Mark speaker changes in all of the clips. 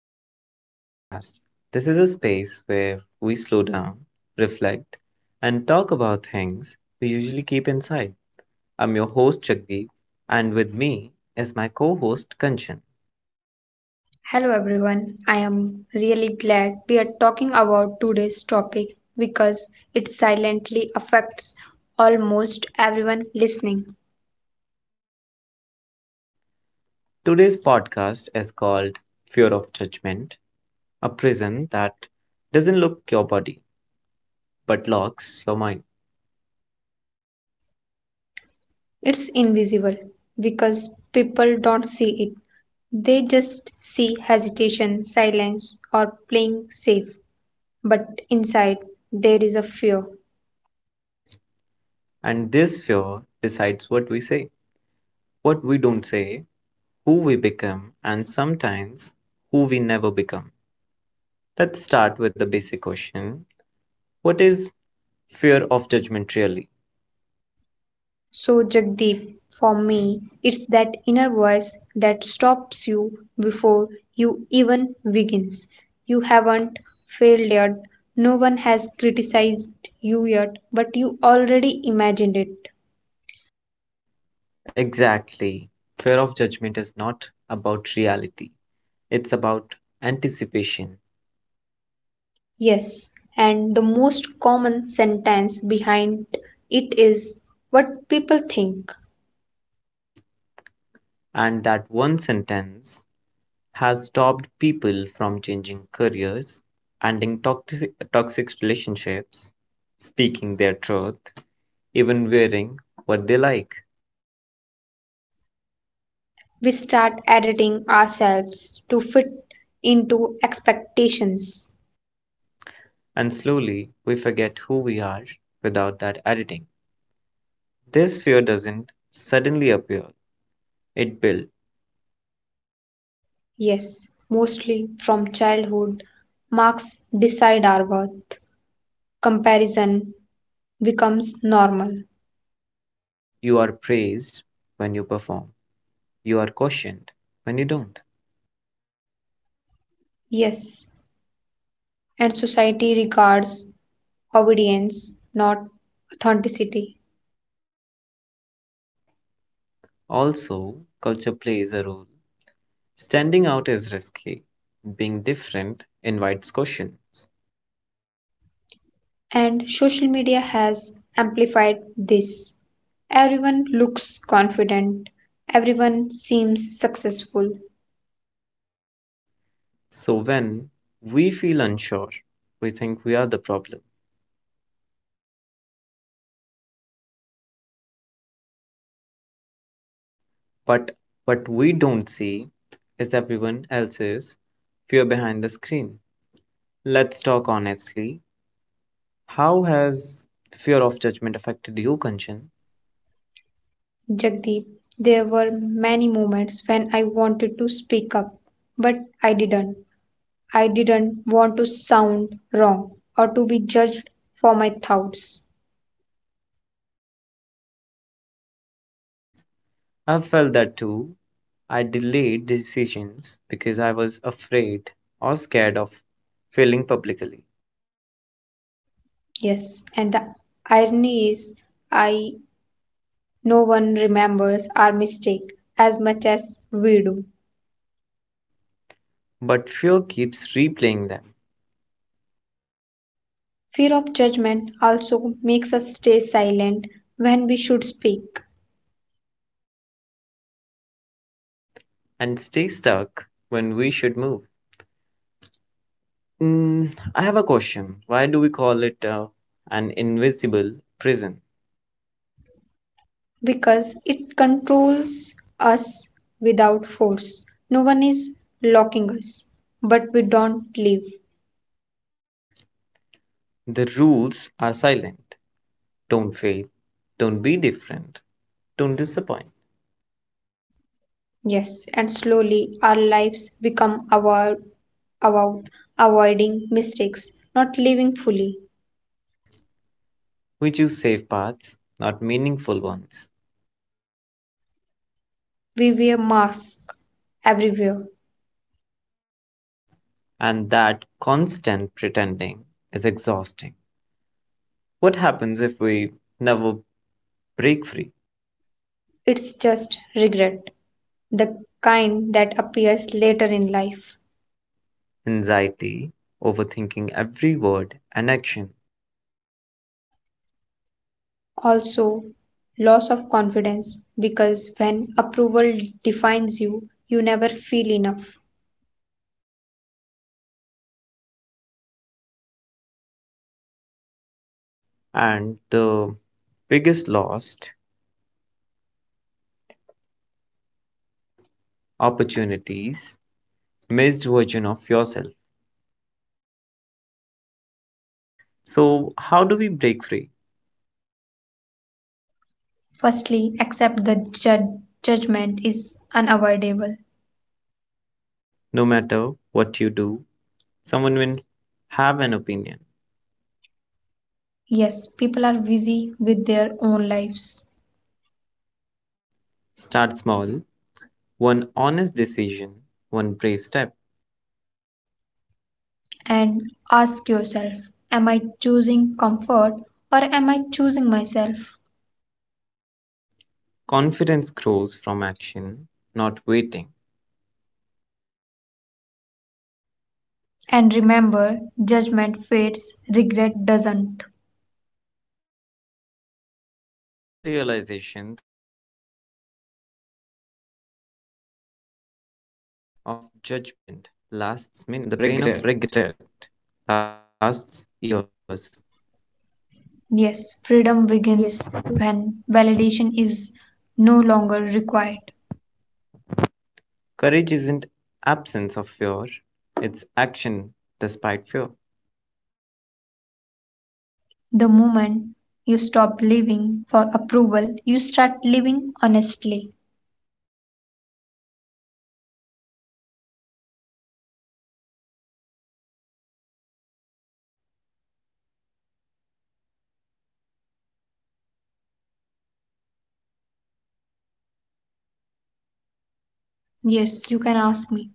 Speaker 1: welcome to our podcast. This is a space where we slow down, reflect, and talk about things we usually keep inside. I'm your host, Jagdeep, and with me is my co host, Kanchan.
Speaker 2: Hello everyone. I am really glad we are talking about today's topic because it silently affects almost everyone listening.
Speaker 1: Today's podcast is called Fear of Judgment, a prison that doesn't lock your body but locks your mind.
Speaker 2: It's invisible because people don't see it. They just see hesitation, silence, or playing safe. But inside, there is a fear.
Speaker 1: And this fear decides what we say, what we don't say, who we become, and sometimes who we never become. Let's start with the basic question. What is fear of judgment really?
Speaker 2: So, Jagdeep, for me, it's that inner voice that stops you before you even begins. You haven't failed yet, no one has criticized you yet, but you already imagined it.
Speaker 1: Exactly. Fear of judgment is not about reality, it's about anticipation.
Speaker 2: Yes, and the most common sentence behind it is what people think.
Speaker 1: And that one sentence has stopped people from changing careers, ending toxic relationships, speaking their truth, even wearing what they like.
Speaker 2: We start editing ourselves to fit into expectations.
Speaker 1: And slowly we forget who we are without that editing. This fear doesn't suddenly appear, it built.
Speaker 2: Yes, mostly from childhood, marks decide our worth. Comparison becomes normal.
Speaker 1: You are praised when you perform. You are cautioned when you don't.
Speaker 2: Yes, and society regards obedience, not authenticity.
Speaker 1: Also, culture plays a role. Standing out is risky. Being different invites cautions.
Speaker 2: And social media has amplified this. Everyone looks confident, everyone seems successful.
Speaker 1: So when we feel unsure, we think we are the problem. But what we don't see is everyone else's fear behind the screen. Let's talk honestly. How has fear of judgment affected you, Kanchan?
Speaker 2: Jagdeep, there were many moments when I wanted to speak up, but I didn't. I didn't want to sound wrong or to be judged for my thoughts.
Speaker 1: I've felt that too. I delayed decisions because I was afraid or scared of failing publicly.
Speaker 2: Yes, and the irony is, I no one remembers our mistake as much as we do.
Speaker 1: But fear keeps replaying them
Speaker 2: Fear of judgment also makes us stay silent when we should speak
Speaker 1: and stay stuck when we should move. I have a question. Why do we call it an invisible prison?
Speaker 2: because it controls us without force. No one is locking us, but we don't live.
Speaker 1: The rules are silent. Don't fail. Don't be different. Don't disappoint.
Speaker 2: Yes, and slowly our lives become our about avoiding mistakes, not living fully.
Speaker 1: We choose safe paths, not meaningful ones.
Speaker 2: We wear masks everywhere.
Speaker 1: And that constant pretending is exhausting. What happens if we never break free?
Speaker 2: It's just regret, the kind that appears later in life.
Speaker 1: Anxiety, overthinking every word and action,
Speaker 2: Also, loss of confidence because when approval defines you, you never feel enough.
Speaker 1: and the biggest lost opportunities, missed version of yourself. So, how do we break free?
Speaker 2: Firstly, accept the judgment is unavoidable.
Speaker 1: No matter what you do, someone will have an opinion.
Speaker 2: Yes, people are busy with their own lives.
Speaker 1: Start small, one honest decision, one brave step.
Speaker 2: And ask yourself, am I choosing comfort or am I choosing myself?
Speaker 1: Confidence grows from action, not waiting.
Speaker 2: And remember, judgment fades, regret doesn't.
Speaker 1: Here's a realization that changed my thinking. The pain of judgment lasts minutes. The pain of regret lasts years. Yes.
Speaker 2: Yes, freedom begins when validation is no longer required.
Speaker 1: Courage isn't absence of fear, it's action despite fear.
Speaker 2: The moment you stop living for approval, you start living honestly.
Speaker 1: I do have some questions for you, Kanchan. Would you like to answer them? Yes,
Speaker 2: Yes,
Speaker 1: you
Speaker 2: you
Speaker 1: can
Speaker 2: can
Speaker 1: ask
Speaker 2: ask
Speaker 1: me.
Speaker 2: me.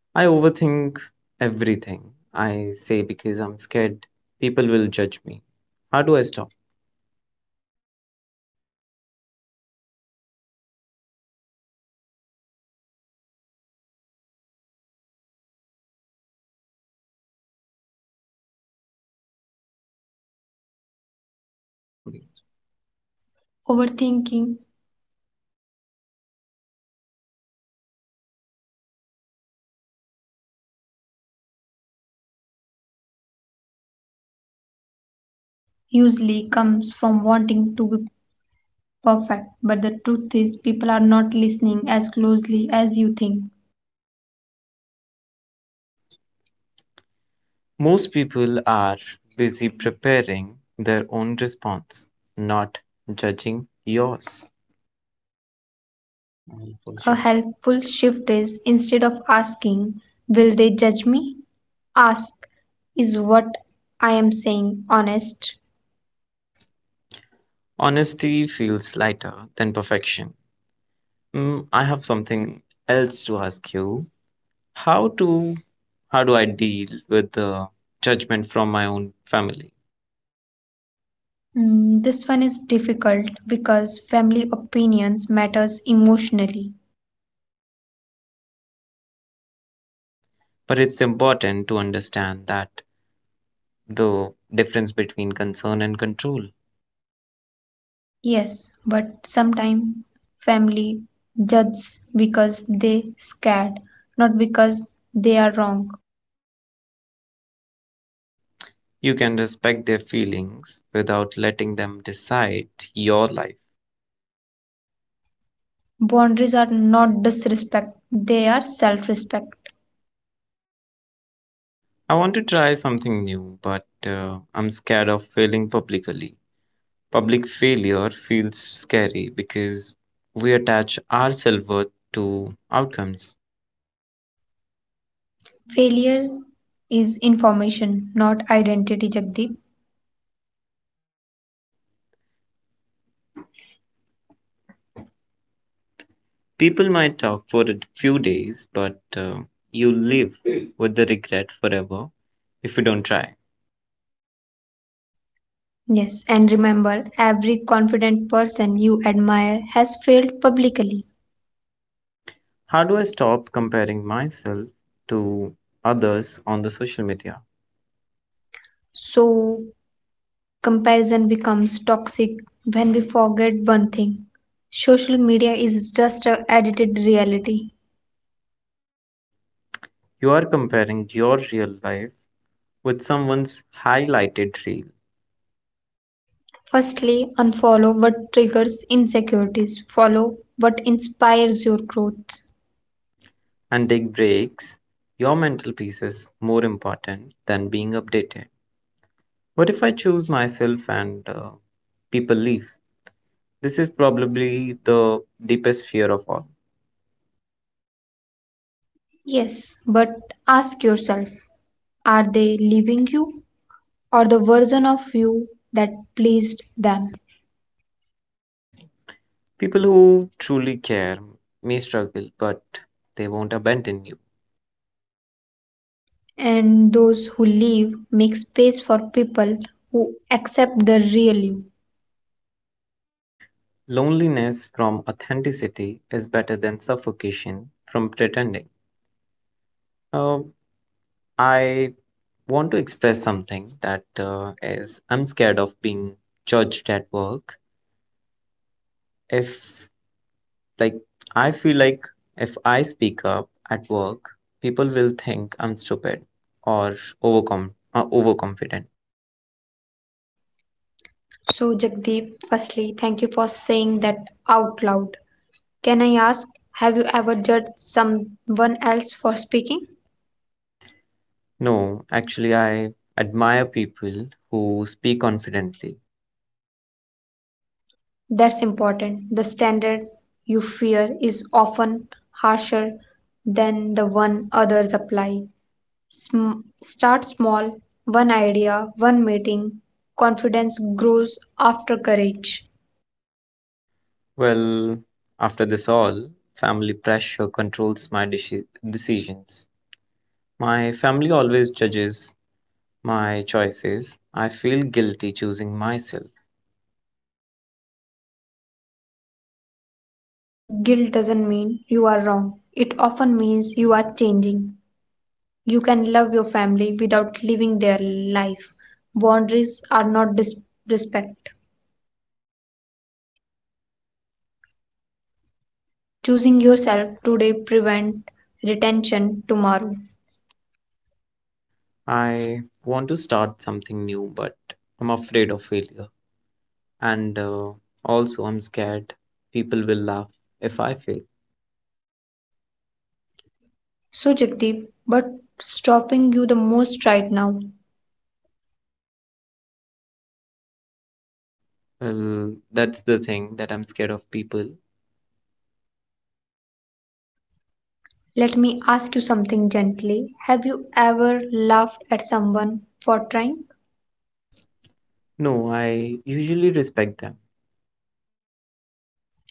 Speaker 1: I overthink everything I say because I'm scared people will judge me. How do I stop?
Speaker 2: Overthinking usually comes from wanting to be perfect. But the truth is, people are not listening as closely as you think.
Speaker 1: Most people are busy preparing their own response, not judging yours.
Speaker 2: A helpful shift is instead of asking, will they judge me? Ask, is what I am saying honest?
Speaker 1: Honesty feels lighter than perfection. I have something else to ask you. How do how do I deal with the judgment from my own family?
Speaker 2: This one is difficult because family opinions matters emotionally.
Speaker 1: But it's important to understand that the difference between concern and control.
Speaker 2: Yes, but sometimes family judges because they scared, not because they are wrong.
Speaker 1: You can respect their feelings without letting them decide your life.
Speaker 2: Boundaries are not disrespect, they are self respect.
Speaker 1: I want to try something new, but I'm scared of failing publicly. Public failure feels scary because we attach our self worth to outcomes.
Speaker 2: Failure is information, not identity, Jagdeep.
Speaker 1: People might talk for a few days, but you live with the regret forever if you don't try.
Speaker 2: Yes, and remember, every confident person you admire has failed publicly.
Speaker 1: How do I stop comparing myself to others on the social media?
Speaker 2: So, comparison becomes toxic when we forget one thing: social media is just a edited reality.
Speaker 1: You are comparing your real life with someone's highlighted reel
Speaker 2: Firstly, unfollow what triggers insecurities, follow what inspires your growth.
Speaker 1: and take breaks, your mental peace is more important than being updated. What if I choose myself and people leave? This is probably the deepest fear of all.
Speaker 2: Yes, but ask yourself, are they leaving you or the version of you that pleased them?
Speaker 1: People who truly care may struggle, but they won't abandon you.
Speaker 2: And those who leave make space for people who accept the real you.
Speaker 1: Loneliness from authenticity is better than suffocation from pretending. Uh, I want to express something that is I'm scared of being judged at work. If like, I feel like if I speak up at work, people will think I'm stupid or overcom overconfident.
Speaker 2: So, Jagdeep, firstly, thank you for saying that out loud. Can I ask, have you ever judged someone else for speaking?
Speaker 1: No, actually, I admire people who speak confidently.
Speaker 2: That's important. The standard you fear is often harsher than the one others apply. Start small, one idea, one meeting. Confidence grows after courage.
Speaker 1: Well, after this all, family pressure controls my decisions. My family always judges my choices. I feel guilty choosing myself.
Speaker 2: Guilt doesn't mean you are wrong, it often means you are changing. You can love your family without living their life. Boundaries are not disrespect.
Speaker 1: Choosing
Speaker 2: Choosing
Speaker 1: yourself.
Speaker 2: yourself today prevent retention tomorrow.
Speaker 1: I want to start something new, but I'm afraid of failure. And also, I'm scared people will laugh if I fail.
Speaker 2: So Jagdeep, but stopping you the most right now.
Speaker 1: Well, that's the thing that I'm scared of people.
Speaker 2: Let me ask you something gently. Have you ever laughed at someone for trying?
Speaker 1: No, I usually respect them.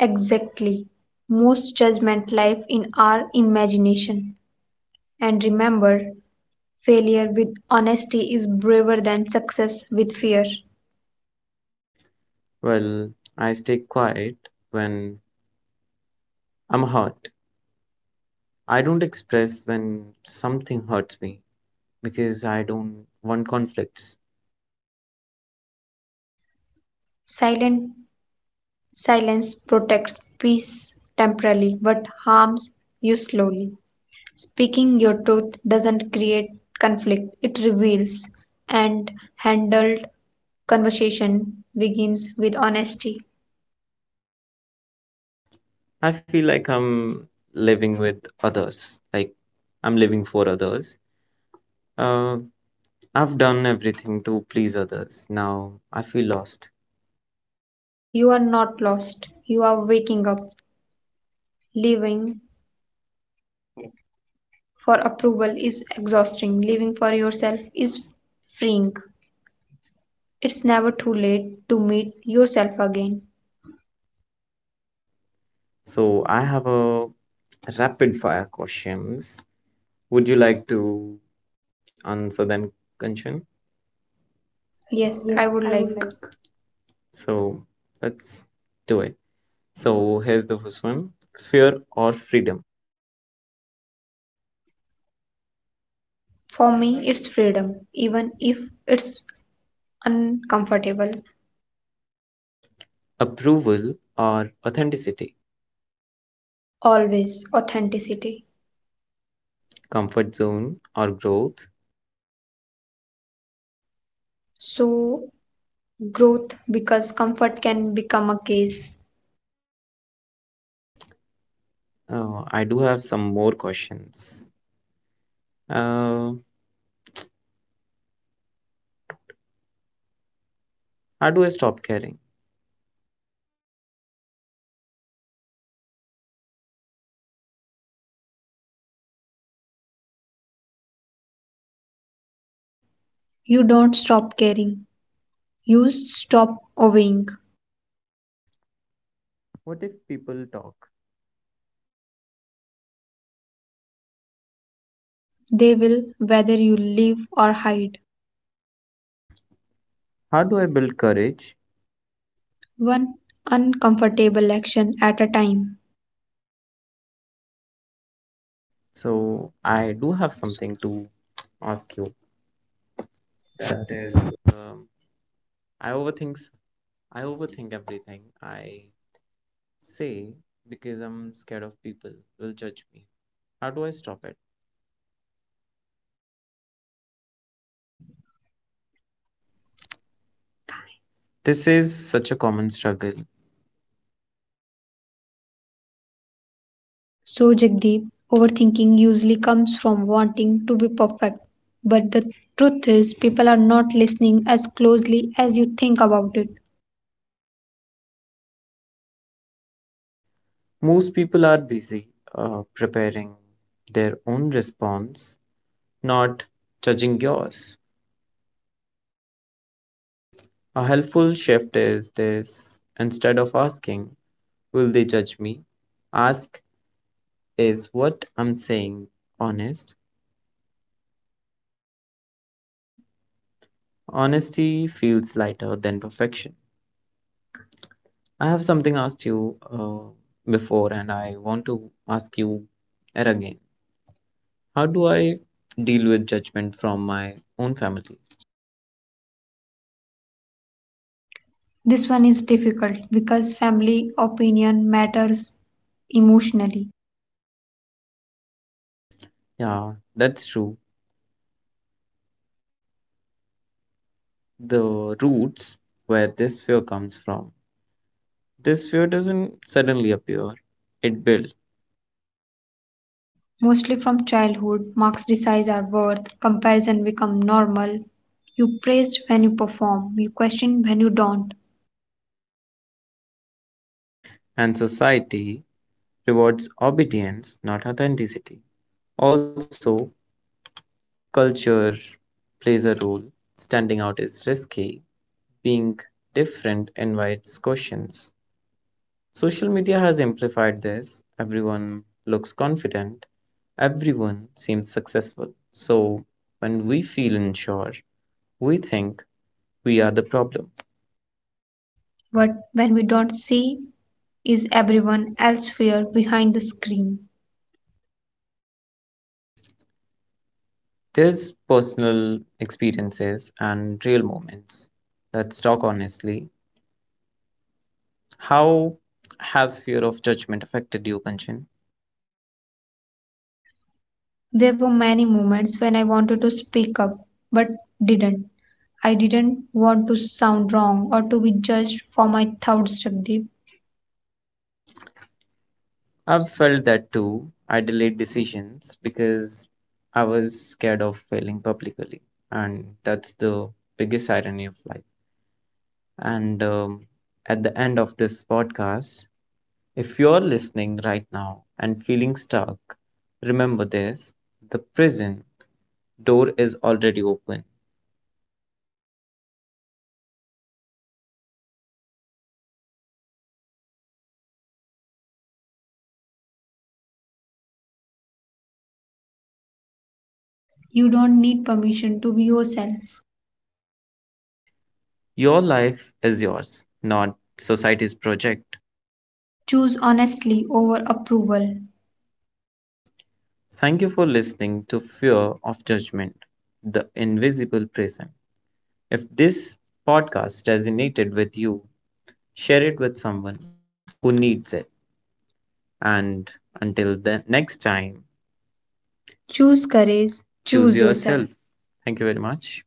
Speaker 2: Exactly. Most judgment life in our imagination. And remember, failure with honesty is braver than success with fear.
Speaker 1: Well, I stay quiet when I'm hurt. I don't express when something hurts me because I don't want conflicts.
Speaker 2: Silent Silence protects peace temporarily but harms you slowly. Speaking your truth doesn't create conflict, it reveals, and handled conversation begins with honesty.
Speaker 1: I feel like living with others, like I'm living for others. Uh, I've done everything to please others. Now I feel lost.
Speaker 2: You are not lost, you are waking up. Living for approval is exhausting, living for yourself is freeing. It's never too late to meet yourself again.
Speaker 1: So I have a rapid fire questions. Would you like to answer them, Kanchan?
Speaker 2: Yes,
Speaker 1: Yes,
Speaker 2: I
Speaker 1: I
Speaker 2: would
Speaker 1: would
Speaker 2: like.
Speaker 1: like. So let's do it. So here's the first one. Fear or freedom?
Speaker 2: For me, it's freedom, even if it's uncomfortable.
Speaker 1: Approval or authenticity?
Speaker 2: Always authenticity.
Speaker 1: Comfort zone or growth?
Speaker 2: So, growth because comfort can become a case.
Speaker 1: I do have some more questions. Uh, how do I stop caring?
Speaker 2: You don't stop caring, you stop obeying.
Speaker 1: What if people talk?
Speaker 2: They will, whether you live or hide,
Speaker 1: How do I build courage?
Speaker 2: one uncomfortable action at a time.
Speaker 1: So I do have something to ask you that um I overthink I overthink everything I say because I'm scared of people will judge me. How do I stop it? This is such a common struggle.
Speaker 2: So, Jagdeep, overthinking usually comes from wanting to be perfect. But the truth is, people are not listening as closely as you think about it.
Speaker 1: Most people are busy preparing their own response, not judging yours. A helpful shift is this instead of asking, will they judge me? Ask, is what I'm saying honest? Honesty feels lighter than perfection. I have something asked you before, and I want to ask you yet again. How do I deal with judgment from my own family?
Speaker 2: This one is difficult because family opinion matters emotionally.
Speaker 1: Yeah, that's true. The roots where this fear comes from. This fear doesn't suddenly appear, it builds,
Speaker 2: Mostly from childhood. Marks decide our worth, comparison become normal. You praise when you perform, you question when you don't.
Speaker 1: and society rewards obedience, not authenticity. Also, culture plays a role. Standing out is risky, being different invites questions. Social media has amplified this. Everyone looks confident, everyone seems successful. So, when we feel unsure, we think we are the problem.
Speaker 2: But when we don't see is everyone else fear behind the screen.
Speaker 1: There's personal experiences and real moments. Let's talk honestly. How has fear of judgment affected you, Kanchan?
Speaker 2: There were many moments when I wanted to speak up but didn't. I didn't want to sound wrong or to be judged for my thoughts, Jagdeep.
Speaker 1: I've felt that too. I delayed decisions because I was scared of failing publicly, and that's the biggest irony of life. And at the end of this podcast, if you're listening right now and feeling stuck, remember this the prison door is already open.
Speaker 2: You don't need permission to be yourself.
Speaker 1: Your life is yours, not society's project.
Speaker 2: Choose honestly over approval.
Speaker 1: Thank you for listening to Fear of Judgment, the invisible prison. If this podcast resonated with you, share it with someone who needs it. And until the next time, choose courage, choose yourself. Thank you very much.